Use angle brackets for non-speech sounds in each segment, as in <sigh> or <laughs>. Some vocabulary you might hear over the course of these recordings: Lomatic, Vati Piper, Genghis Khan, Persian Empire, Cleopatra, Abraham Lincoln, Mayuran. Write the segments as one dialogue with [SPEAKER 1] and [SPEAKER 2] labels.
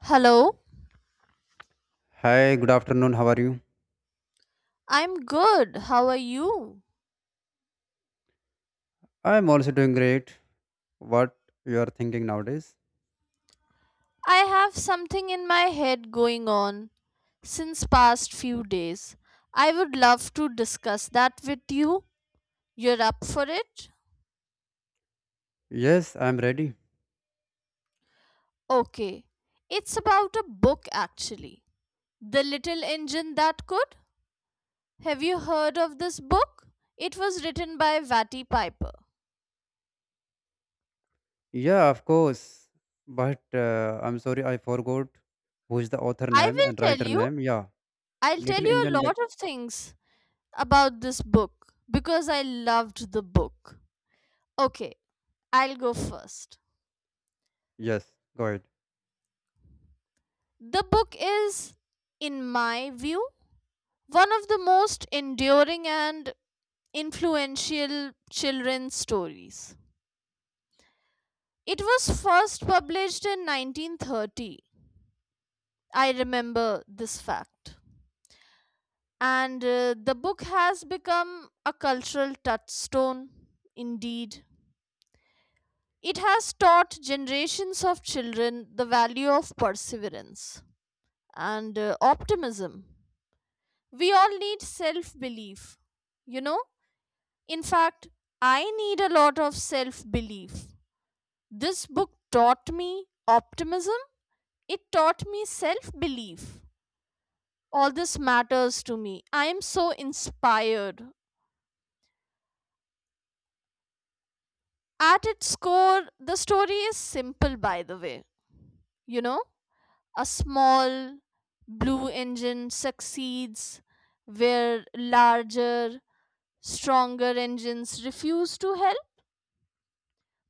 [SPEAKER 1] Hello?
[SPEAKER 2] Hi, good afternoon. How are you?
[SPEAKER 1] I'm good. How are you?
[SPEAKER 2] I'm also doing great. What you are thinking nowadays?
[SPEAKER 1] I have something in my head going on since past few days. I would love to discuss that with you. You're up for it?
[SPEAKER 2] Yes, I'm ready.
[SPEAKER 1] Okay. It's about a book actually. The Little Engine That Could. Have you heard of this book? It was written by Vati Piper.
[SPEAKER 2] Yeah, of course. But I'm sorry, I forgot who's the author
[SPEAKER 1] I
[SPEAKER 2] name and
[SPEAKER 1] will tell
[SPEAKER 2] writer
[SPEAKER 1] you.
[SPEAKER 2] name. Yeah,
[SPEAKER 1] I'll tell
[SPEAKER 2] Little
[SPEAKER 1] you a
[SPEAKER 2] Engine. Duck-
[SPEAKER 1] lot of things about this book because I loved the book. Okay, I'll go first.
[SPEAKER 2] Yes, go ahead.
[SPEAKER 1] The book is, in my view, one of the most enduring and influential children's stories. It was first published in 1930. I remember this fact. And The book has become a cultural touchstone, indeed. It has taught generations of children the value of perseverance and optimism. We all need self belief, you know in fact, I need a lot of self belief. This book taught me optimism. It taught me self belief. All this matters to me. I am so inspired. At its core, the story is simple, by the way you know a small blue engine succeeds where larger, stronger engines refuse to help.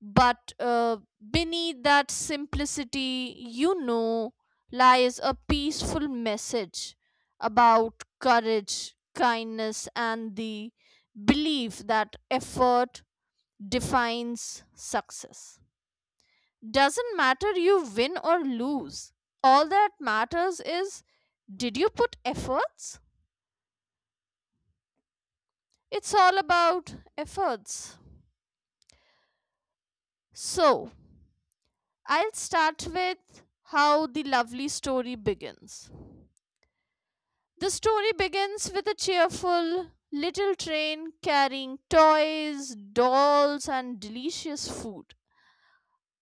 [SPEAKER 1] But Beneath that simplicity, lies a peaceful message about courage, kindness, and the belief that effort defines success. Doesn't matter you win or lose, all that matters is, did you put efforts? It's all about efforts. So, I'll start with how the lovely story begins. The story begins with a cheerful little train carrying toys, dolls, and delicious food.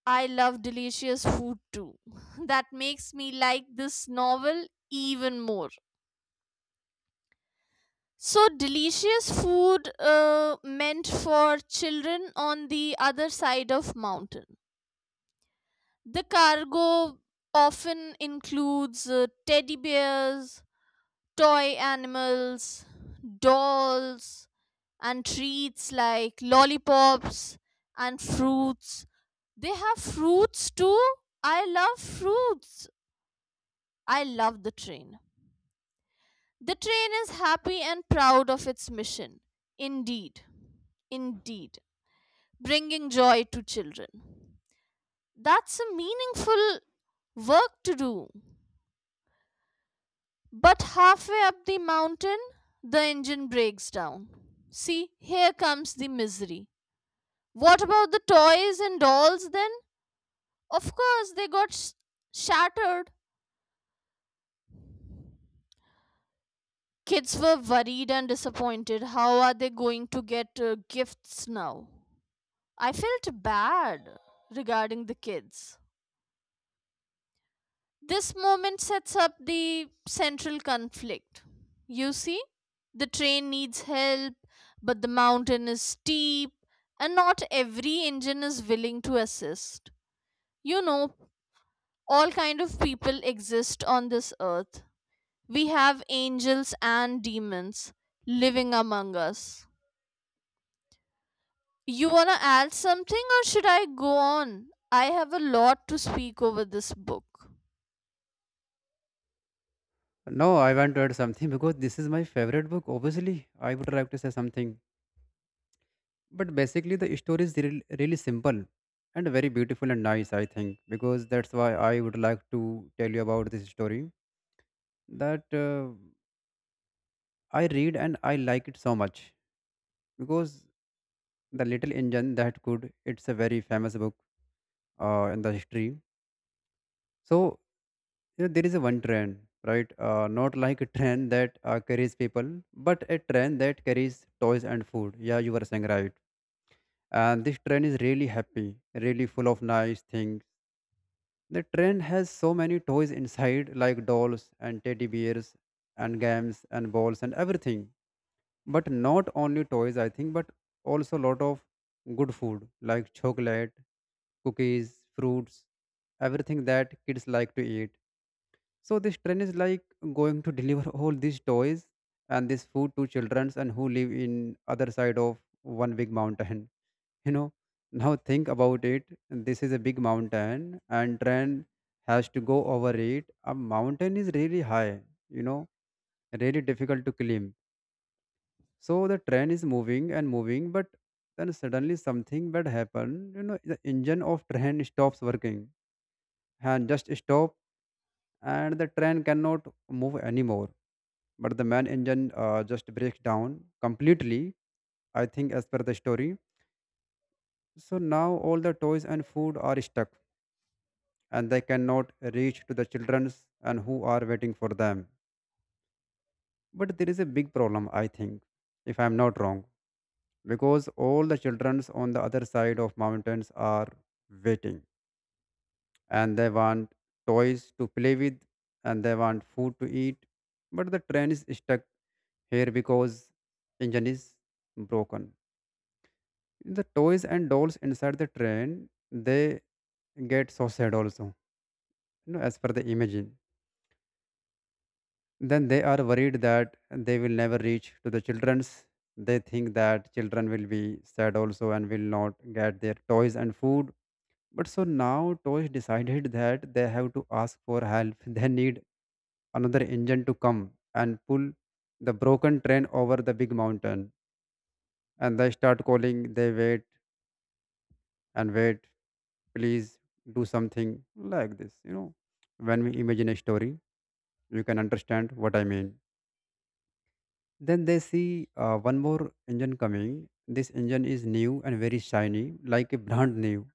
[SPEAKER 1] I love delicious food too. <laughs> That makes me like this novel even more. So, delicious food meant for children on the other side of mountain. The cargo often includes teddy bears, toy animals, dolls, and treats like lollipops and fruits. They have fruits too. I love fruits. I love the train. The train is happy and proud of its mission. Indeed. Indeed. Bringing joy to children. That's a meaningful work to do. But halfway up the mountain, the engine breaks down. See, here comes the misery. What about the toys and dolls then? Of course, shattered. Kids were worried and disappointed. How are they going to get gifts now? I felt bad regarding the kids. This moment sets up the central conflict. You see, the train needs help, but the mountain is steep, and not every engine is willing to assist. You know, all kind of people exist on this earth. We have angels and demons living among us. You wanna add something, or should I go on? I have a lot to speak over this book.
[SPEAKER 2] No, I want to add something <laughs> because this is my favorite book. Obviously, I would like to say something. But basically, the story is real, really simple and very beautiful and nice, I think, because that's why I would like to tell you about this story. That. I read and I like it so much because the little engine that could. It's a very famous book in the history. So you know, there is a one train, right? Not like a <laughs> train that carries people, but a train that carries toys and food. Yeah, you were saying right. And this train is really happy, really full of nice things. The train has so many toys inside, like dolls and teddy bears and games and balls and everything, but not only toys, I think, but also lot of good food like chocolate, cookies, fruits, everything that kids like to eat. So this train is like going to <laughs> deliver all these toys and this food to children and who live in other side of one big mountain. <laughs> You know, now think about it, this is a big mountain and train has to go over it. A mountain is really high, you know, really difficult to climb. So the train is moving and moving, but then suddenly something bad happened. You know, the engine of train stops working and just stop, and the train cannot move anymore. But the main engine just breaks down completely. I think as per the story. So now all the toys and food are stuck, and they cannot reach to the childrens and who are waiting for them. But there is a big problem, I think, if I am not wrong, because all the childrens on the other side of mountains are waiting and they want toys to play with and they want food to eat, but the train is stuck here because engine is broken. The toys and dolls inside the train, they get so sad also, you know, as per the imagine. Then they are worried that they will never reach to the children's. They think that children will be sad also and will not get their toys and food. But so now Tosh decided that they have to ask for help. They need another engine to come and pull the broken train over the big mountain. And they start calling, they wait and wait, please do something like this. You know, when we imagine a story, you can understand what I mean. Then they see one more engine coming. This engine is new and very shiny, like a brand new.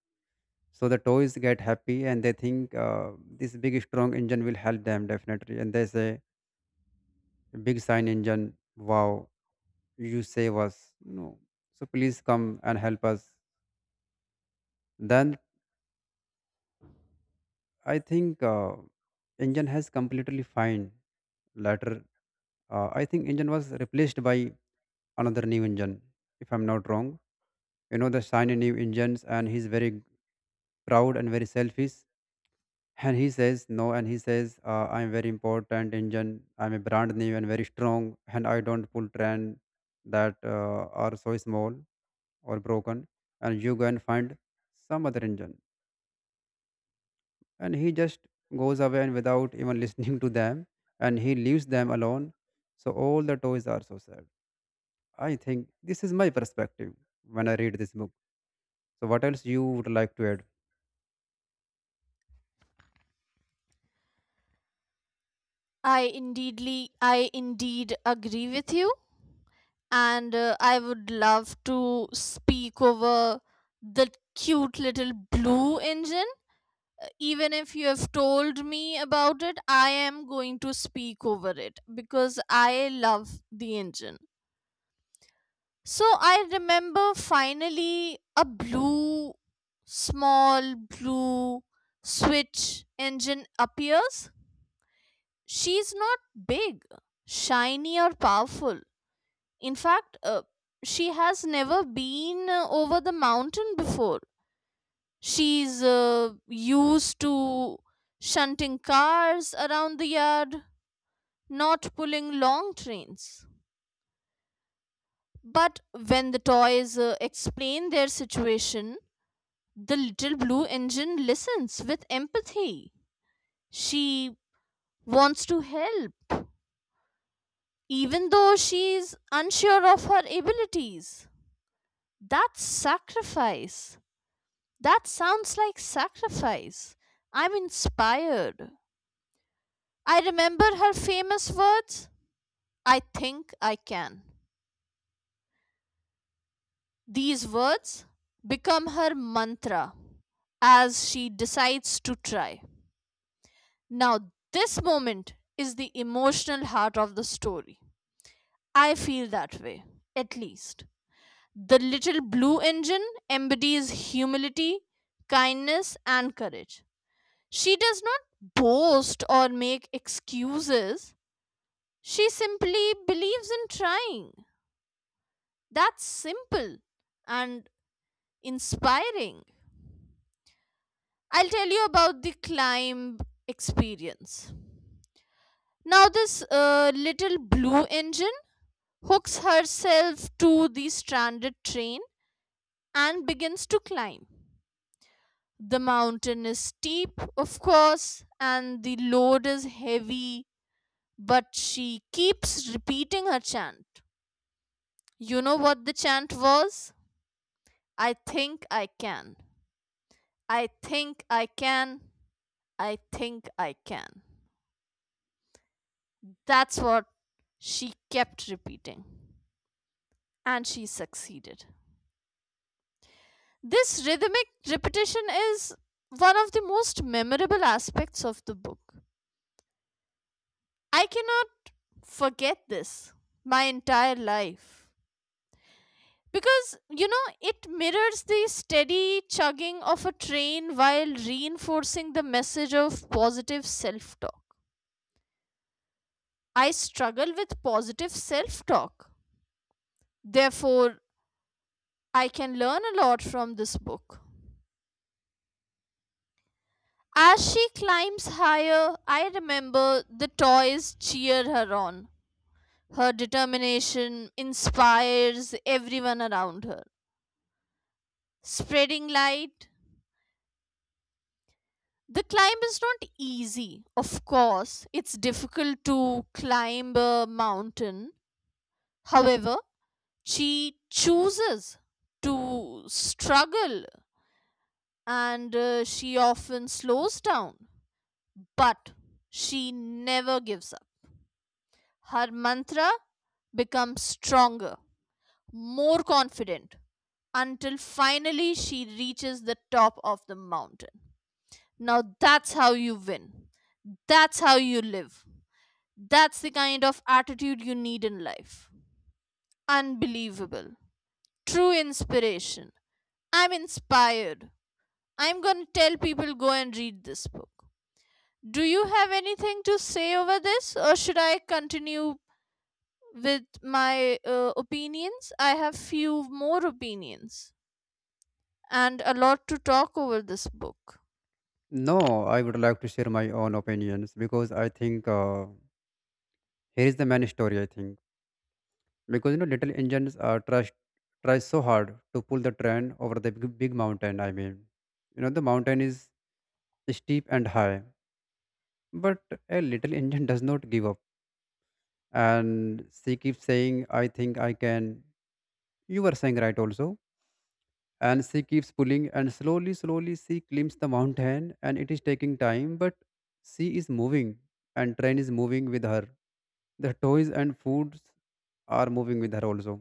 [SPEAKER 2] So the toys get happy and they think, this big strong engine will help them definitely, and they say big sign engine, wow, you save us, you, so please come and help us. Then I think engine has completely fine later. I think engine was replaced by another new engine, if I'm not wrong. You know, the shiny new engines, and he's very proud and very selfish. And he says no, and he says, I'm very important Indian. I'm a brand new and very strong, and I don't pull trend that are so small or broken. And you go and find some other Indian. And he just goes away and without even <laughs> listening to them, and he leaves them alone. So all the toys are so sad. I think this is my perspective when I read this book. So what else you would like to add?
[SPEAKER 1] I indeed agree with you and I would love to speak over the cute little blue engine. Even if you have told me about it, I am going to speak over it because I love the engine. So I remember finally a small blue switch engine appears. She's not big, shiny, or powerful. In fact, she has never been over the mountain before. She's used to shunting cars around the yard, not pulling long trains. But when the toys explain their situation, the little blue engine listens with empathy. She wants to help, even though she's unsure of her abilities. That's sacrifice. That sounds like sacrifice. I'm inspired. I remember her famous words: I think I can. These words become her mantra as she decides to try. Now, this moment is the emotional heart of the story. I feel that way, at least. The little blue engine embodies humility, kindness, and courage. She does not boast or make excuses. She simply believes in trying. That's simple and inspiring. I'll tell you about the climb experience. Now, this little blue engine hooks herself to the stranded train and begins to climb. The mountain is steep, of course, and the load is heavy, but she keeps repeating her chant. You know what the chant was? I think I can. I think I can. I think I can. That's what she kept repeating. And she succeeded. This rhythmic repetition is one of the most memorable aspects of the book. I cannot forget this my entire life. Because, you know, it mirrors the steady chugging of a train while reinforcing the message of positive self talk. I struggle with positive self talk. Therefore, I can learn a lot from this book. As she climbs higher, I remember the toys cheer her on. Her determination inspires everyone around her, spreading light. The climb is not easy. Of course, it's difficult to climb a mountain. However, she chooses to struggle and she often slows down, but she never gives up. Her mantra becomes stronger, more confident, until finally she reaches the top of the mountain. Now that's how you win. That's how you live. That's the kind of attitude you need in life. Unbelievable. True inspiration. I'm inspired. I'm going to tell people go and read this book. Do you have anything to say over this, or should I continue with my opinions? I have few more opinions and a lot to talk over this book.
[SPEAKER 2] No, I would like to share my own opinions because I think here is the main story. I think. Because you know little engines trust try so hard to pull the train over the big, big mountain. I mean, you know, the mountain is steep and high, but a little <laughs> engine does not give up and she keeps saying I think I can. You were saying right also. And she keeps pulling and slowly slowly she climbs the mountain and it is taking time, but she is moving and train is moving with her. The toys and foods are moving with her also,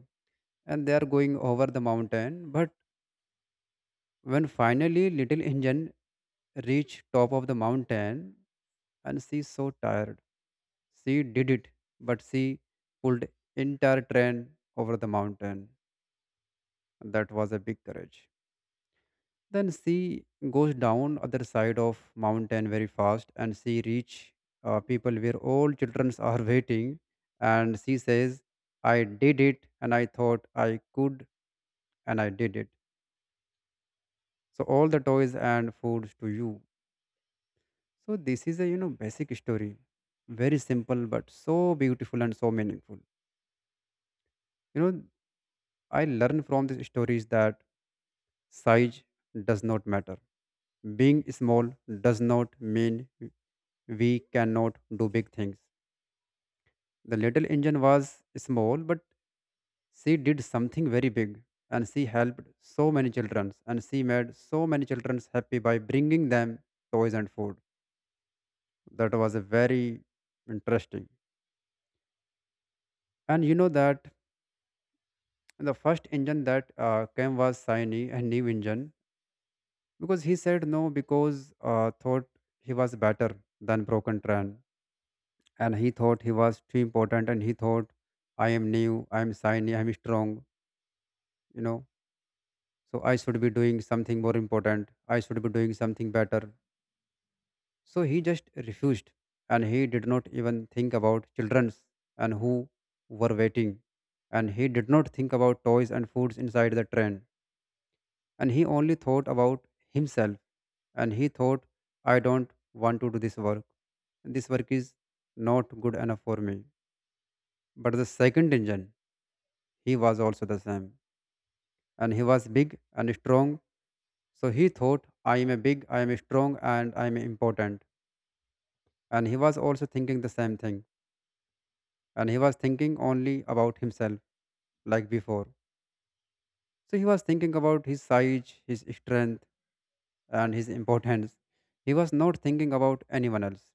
[SPEAKER 2] and they are going over the mountain. But when finally little engine reached top of the mountain, and she so tired. She did it, but she pulled entire train over the mountain. That was a big courage. Then she goes down other side of mountain very fast and she reach people where all children <laughs> are waiting, and she says, I did it and I thought I could and I did it. So all the toys and foods to you. So this is a, you know, basic story, very simple but so beautiful and so meaningful. You know, I learn from these stories that size does not matter. Being small does not mean we cannot do big things. The little engine was small, but she did something very big, and she helped so many children and she made so many children happy by bringing them toys and food. That was a very interesting. And you know that the first engine that came was shiny and new engine, because he said no because thought he was better than broken train, and he thought he was too important, and he thought I am new, I am shiny, I am strong, you know. So I should be doing something more important, I should be doing something better. So he just refused, and he did not even think about children's and who were waiting, and he did not think about toys and foods inside the train. And he only thought about himself, and he thought, I don't want to do this work. This work is not good enough for me. But the second engine, he was also the same. And he was big and strong. So he thought, I am a big, I am strong, and I am important. And he was also thinking the same thing. And he was thinking only about himself, like before. So he was thinking about his size, his strength, and his importance. He was not thinking about anyone else.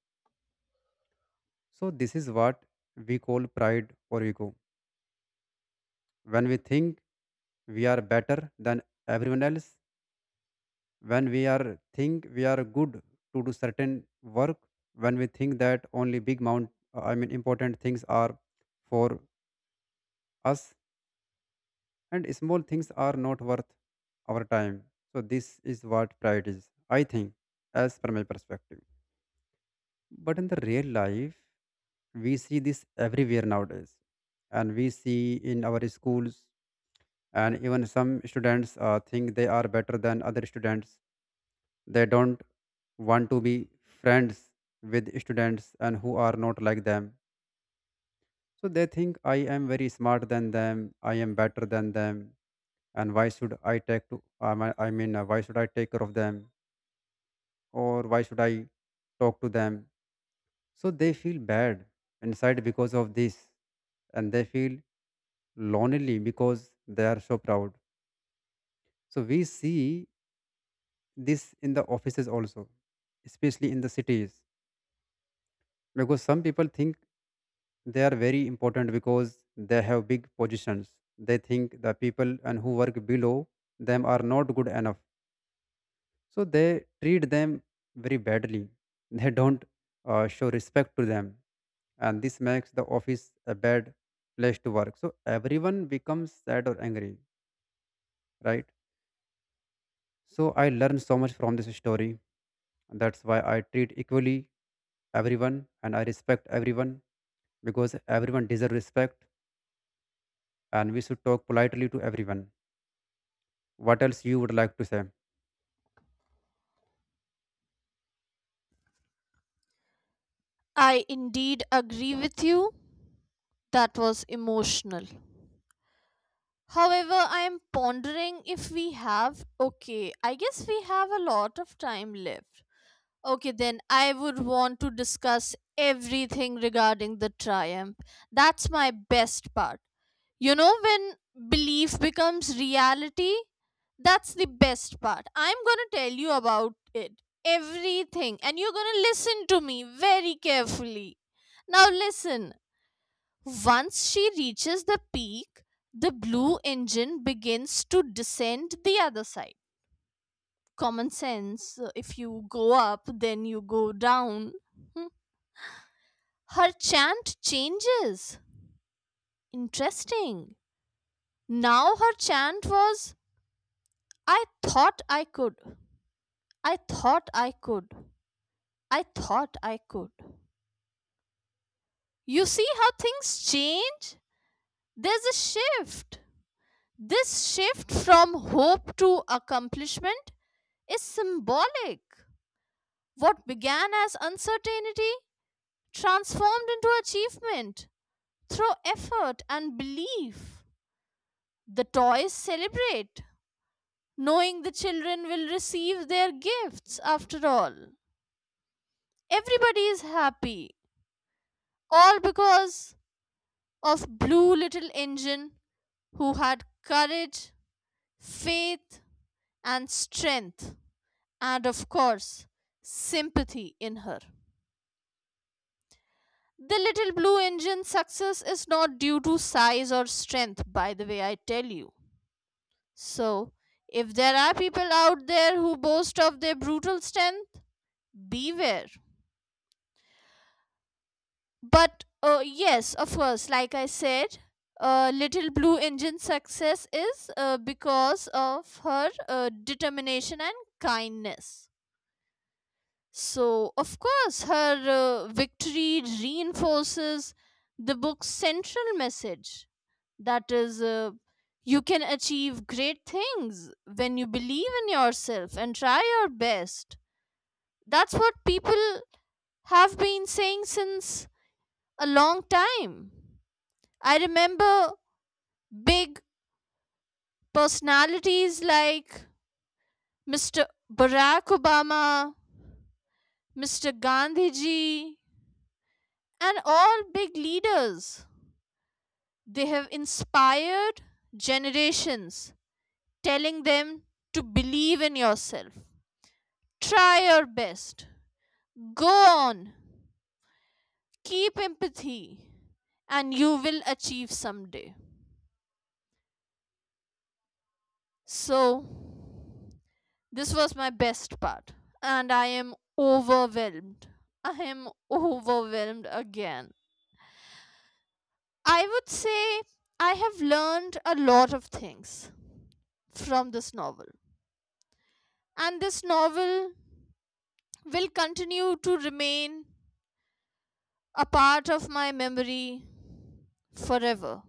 [SPEAKER 2] So, this is what we call pride or ego. When we think we are better than everyone else, when we are think we are good to do certain work, when we think that only big mount, I mean important things are for us and small things are not worth our time. So this is what pride is, I think, as per my perspective. But in the real life, we see this everywhere nowadays, and we see in our schools, and even some students think they are better than other students. They don't want to be friends with students and who are not like them. So they think I am very smart than them, I am better than them, and why should I take to, I mean, I mean, why should I take care of them or why should I talk to them. So they feel bad inside because of this, and they feel lonely because they are so proud. So we see this in the offices also, especially in the cities, because some people think they are very important because they have big positions. They think the people and who work below them are not good enough, so they treat them very badly. <laughs> They don't show respect to them, and this makes the office a bad place to work, so everyone becomes sad or angry, right? So I learned so much from this story. That's why I treat equally everyone and I respect everyone because everyone deserves respect, and we should talk politely to everyone. What else you would like to say?
[SPEAKER 1] I indeed agree with you. That was emotional. However, I am pondering if we have. Okay, I guess we have a lot of time left. Okay, then I would want to discuss everything regarding the triumph. That's my best part. You know, when belief becomes reality, that's the best part. I'm gonna tell you about it. Everything. And you're gonna listen to me very carefully. Now, listen. Once she reaches the peak, the blue engine begins to descend the other side. Common sense, if you go up, then you go down. Hmm. Her chant changes. Interesting. Now her chant was: I thought I could. I thought I could. I thought I could. You see how things change? There's a shift. This shift from hope to accomplishment is symbolic. What began as uncertainty transformed into achievement through effort and belief. The toys celebrate, knowing the children will receive their gifts after all. Everybody is happy, all because of Blue Little Engine, who had courage, faith, and strength, and of course, sympathy in her. The little blue engine's success is not due to size or strength, by the way, I tell you. So, if there are people out there who boast of their brutal strength, beware. But yes, of course, like I said, Little Blue Engine's success is because of her determination and kindness. So, of course, her victory reinforces the book's central message, that is, you can achieve great things when you believe in yourself and try your best. That's what people have been saying since a long time. I remember big personalities like Mr. Barack Obama, Mr. Gandhiji, and all big leaders. They have inspired generations, telling them to believe in yourself. Try your best. Go on. Keep empathy, and you will achieve someday. So, this was my best part, and I am overwhelmed. I am overwhelmed again. I would say I have learned a lot of things from this novel. And this novel will continue to remain a part of my memory forever.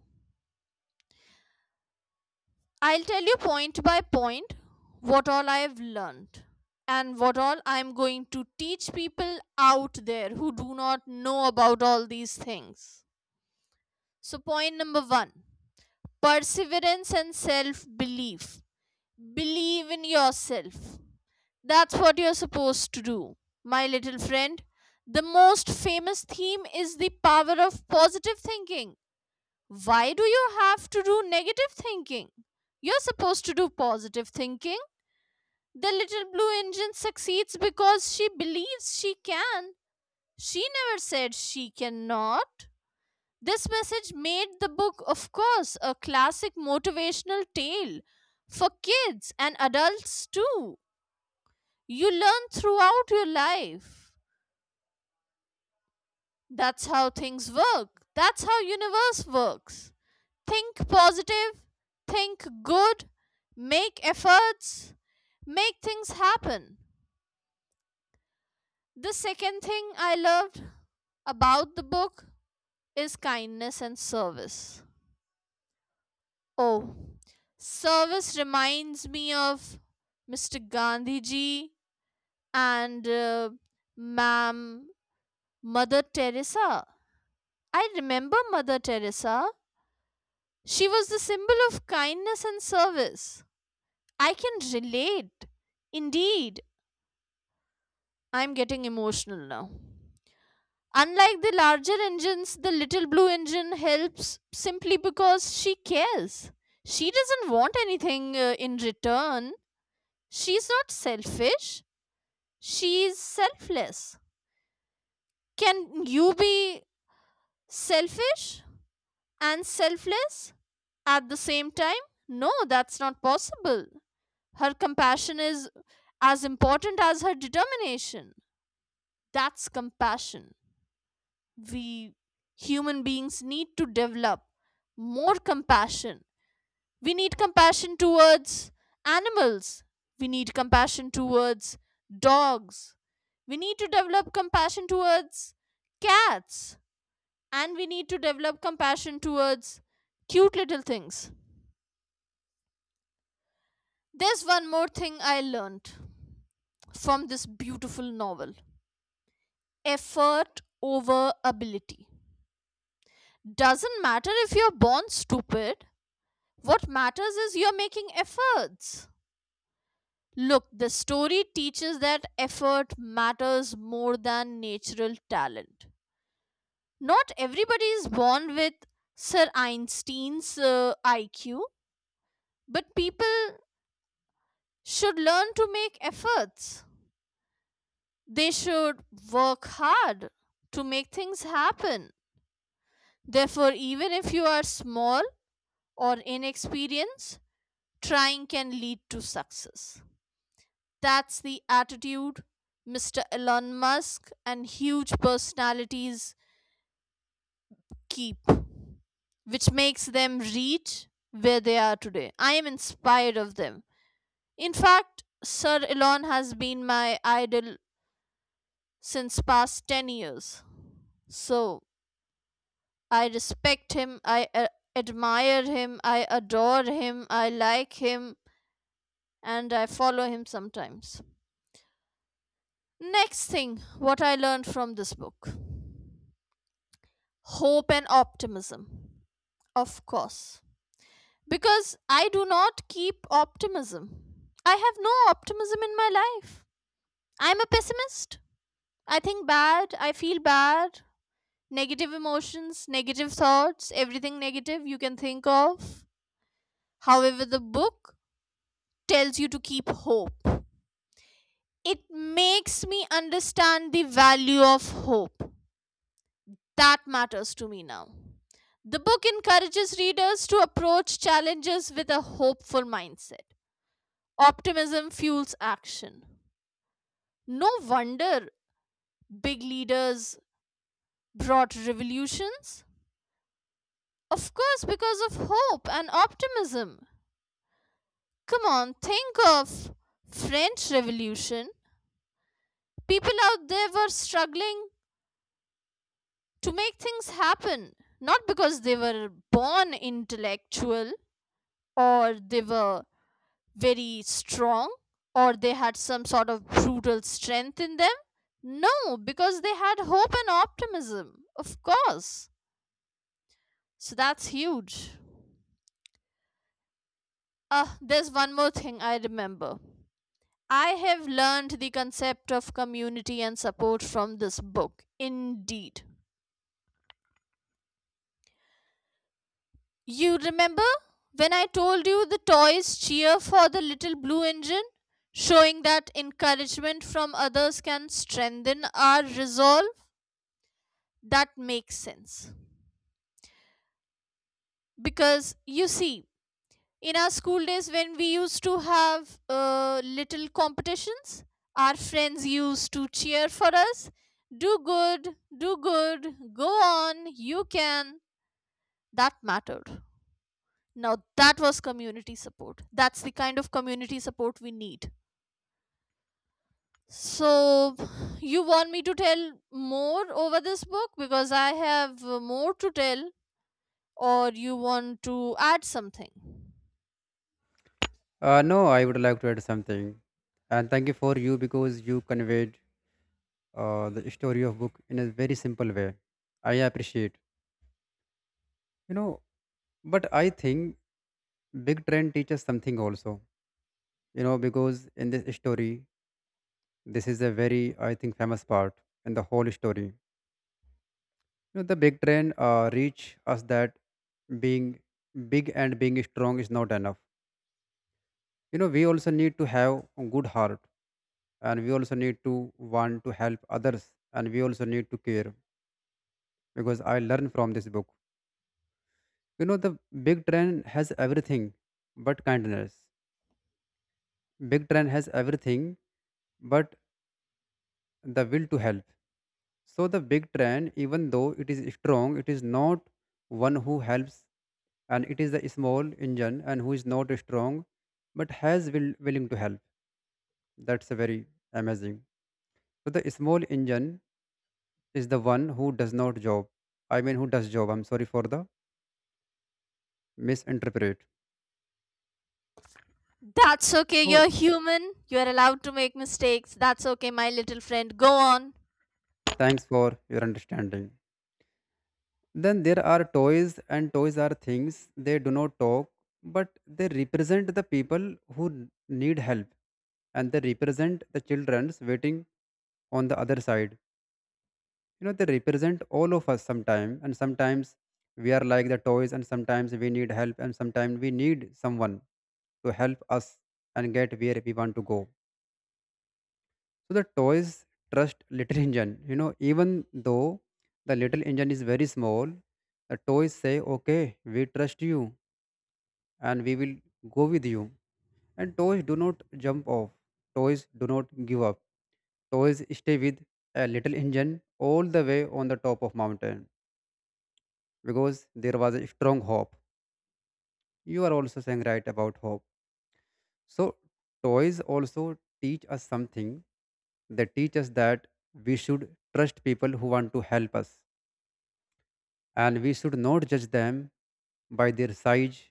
[SPEAKER 1] I'll tell you point by point what all I've learned and what all I'm going to teach people out there who do not know about all these things. So, point number one: perseverance and self belief. Believe in yourself. That's what you're supposed to do, my little friend. The most famous theme is the power of positive thinking. Why do you have to do negative thinking? You're supposed to do positive thinking. The little blue engine succeeds because she believes she can. She never said she cannot. This message made the book, of course, a classic motivational tale for kids and adults too. You learn throughout your life. That's how things work. That's how universe works. Think positive, think good, make efforts, make things happen. The second thing I loved about the book is kindness and service. Oh, service reminds me of Mr. Gandhi ji and Ma'am Mother Teresa. I remember Mother Teresa. She was the symbol of kindness and service. I can relate. Indeed, I'm getting emotional now. Unlike the larger engines, the little blue engine helps simply because she cares. She doesn't want anything in return. She's not selfish, she's selfless. Can you be selfish and selfless at the same time? No, that's not possible. Her compassion is as important as her determination. That's compassion. We human beings need to develop more compassion. We need compassion towards animals. We need compassion towards dogs. We need to develop compassion towards cats. And we need to develop compassion towards cute little things. There's one more thing I learned from this beautiful novel: effort over ability. Doesn't matter if you're born stupid. What matters is you're making efforts. Look, the story teaches that effort matters more than natural talent. Not everybody is born with Sir Einstein's IQ, but people should learn to make efforts. They should work hard to make things happen. Therefore, even if you are small or inexperienced, trying can lead to success. That's the attitude Mr. Elon Musk and huge personalities keep, which makes them reach where they are today. I am inspired of them. In fact, Sir Elon has been my idol since past 10 years. So, I respect him, I admire him, I adore him, I like him, and I follow him sometimes. Next thing, what I learned from this book: hope and optimism. Of course. Because I do not keep optimism. I have no optimism in my life. I'm a pessimist. I think bad, I feel bad, negative emotions, negative thoughts, everything negative you can think of. However, the book tells you to keep hope. It makes me understand the value of hope. That matters to me now. The book encourages readers to approach challenges with a hopeful mindset. Optimism fuels action. No wonder big leaders brought revolutions. Of course, because of hope and optimism. Come on, think of French Revolution. People out there were struggling to make things happen, not because they were born intellectual or they were very strong or they had some sort of brutal strength in them. No, because they had hope and optimism, of course. So that's huge. Ah, there's one more thing I remember. I have learned the concept of community and support from this book, indeed. You remember when I told you the toys cheer for the little blue engine, showing that encouragement from others can strengthen our resolve? That makes sense. Because you see, in our school days when we used to have little competitions, our friends used to cheer for us: do good, do good, go on, you can. That mattered. Now that was community support. That's the kind of community support we need. So, you want me to tell more over this book because I have more to tell, or you want to add something?
[SPEAKER 2] No, I would like to add something. And thank you for you, because you conveyed the story of book in a very simple way. I appreciate. You know, but I think Big Trend teaches something also. You know, because in this story, this is a very, I think, famous part in the whole story. You know, the big trend reach us that being big and being strong is not enough. You know, we also need to have a good heart, and we also need to want to help others, and we also need to care. Because I learned from this book. You know, the big trend has everything but kindness. Big trend has everything but the will to help. So the big trend, even though it is strong, it is not one who helps, and it is a small engine and who is not strong but has will willing to help. That's a very amazing. So the small engine is the one who does not job, I mean who does job. I'm sorry for the misinterpret.
[SPEAKER 1] That's okay,
[SPEAKER 2] So
[SPEAKER 1] you're human. You're allowed to make mistakes. That's okay, my little friend. Go on.
[SPEAKER 2] thanks for your understanding. Then there are toys, and toys are things, they do not talk, but they represent the people who need help, and they represent the children's waiting on the other side. You know, they represent all of us sometime, and sometimes we are like the toys, and sometimes we need help, and sometimes we need someone to help us and get where we want to go. So the toys trust little <laughs> engine. You know, even though the little engine is very small, the toys say okay, we trust you, and we will go with you. And toys do not jump off, toys do not give up, toys stay with a little engine all the way on the top of mountain because there was a strong hope. You are also saying right about hope. So, toys also teach us something. They teach us that we should trust people who want to help us, and we should not judge them by their size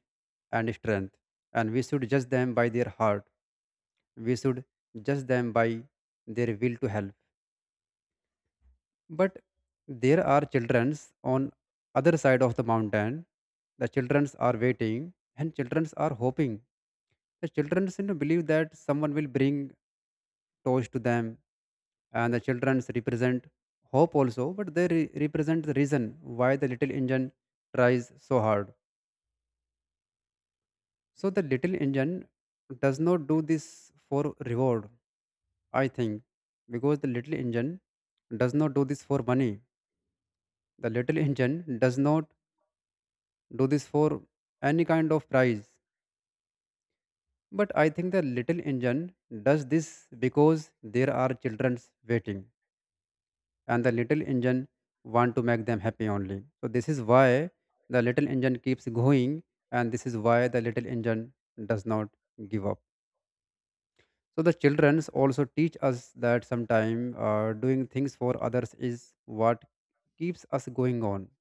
[SPEAKER 2] and strength, and we should judge them by their heart. We should judge them by their will to help. But there are childrens on other side of the mountain. The childrens are waiting and childrens are hoping. The children seem to believe that someone will bring toys to them, and the children represent hope also, but represent the reason why the little engine tries so hard. So the little engine does not do this for reward, I think, because the little engine does not do this for money. The little engine does not do this for any kind of prize. But I think the little engine does this because there are children waiting, and the little engine want to make them happy only. So this is why the little engine keeps going, and this is why the little engine does not give up. So the childrens also teach us that sometime doing things for others is what keeps us going on.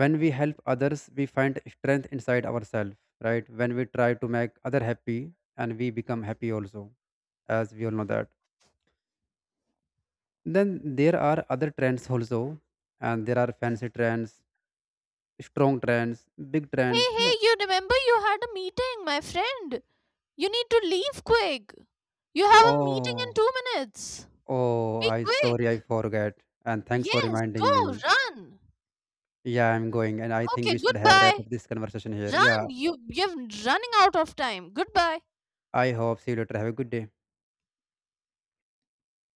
[SPEAKER 2] When we help others we find strength inside ourselves, right? When we try to make other happy, and we become happy also, as we all know that. Then there are other trends also, and there are fancy trends, strong trends, big
[SPEAKER 1] Hey,
[SPEAKER 2] trends, you
[SPEAKER 1] hey,
[SPEAKER 2] know.
[SPEAKER 1] you remember you had a meeting, my friend. You need to leave quick. You have a meeting in
[SPEAKER 2] Oh,
[SPEAKER 1] 2 minutes.
[SPEAKER 2] oh,
[SPEAKER 1] Be
[SPEAKER 2] I sorry, I
[SPEAKER 1] quick.
[SPEAKER 2] forget. And thanks for
[SPEAKER 1] Yes,
[SPEAKER 2] reminding me.
[SPEAKER 1] go, run.
[SPEAKER 2] Yeah, I'm going, and I think
[SPEAKER 1] Okay,
[SPEAKER 2] we should have wrap
[SPEAKER 1] goodbye.
[SPEAKER 2] up this conversation here. Yeah,
[SPEAKER 1] Run. You're running out of time. Goodbye.
[SPEAKER 2] I hope see you later, have a good day.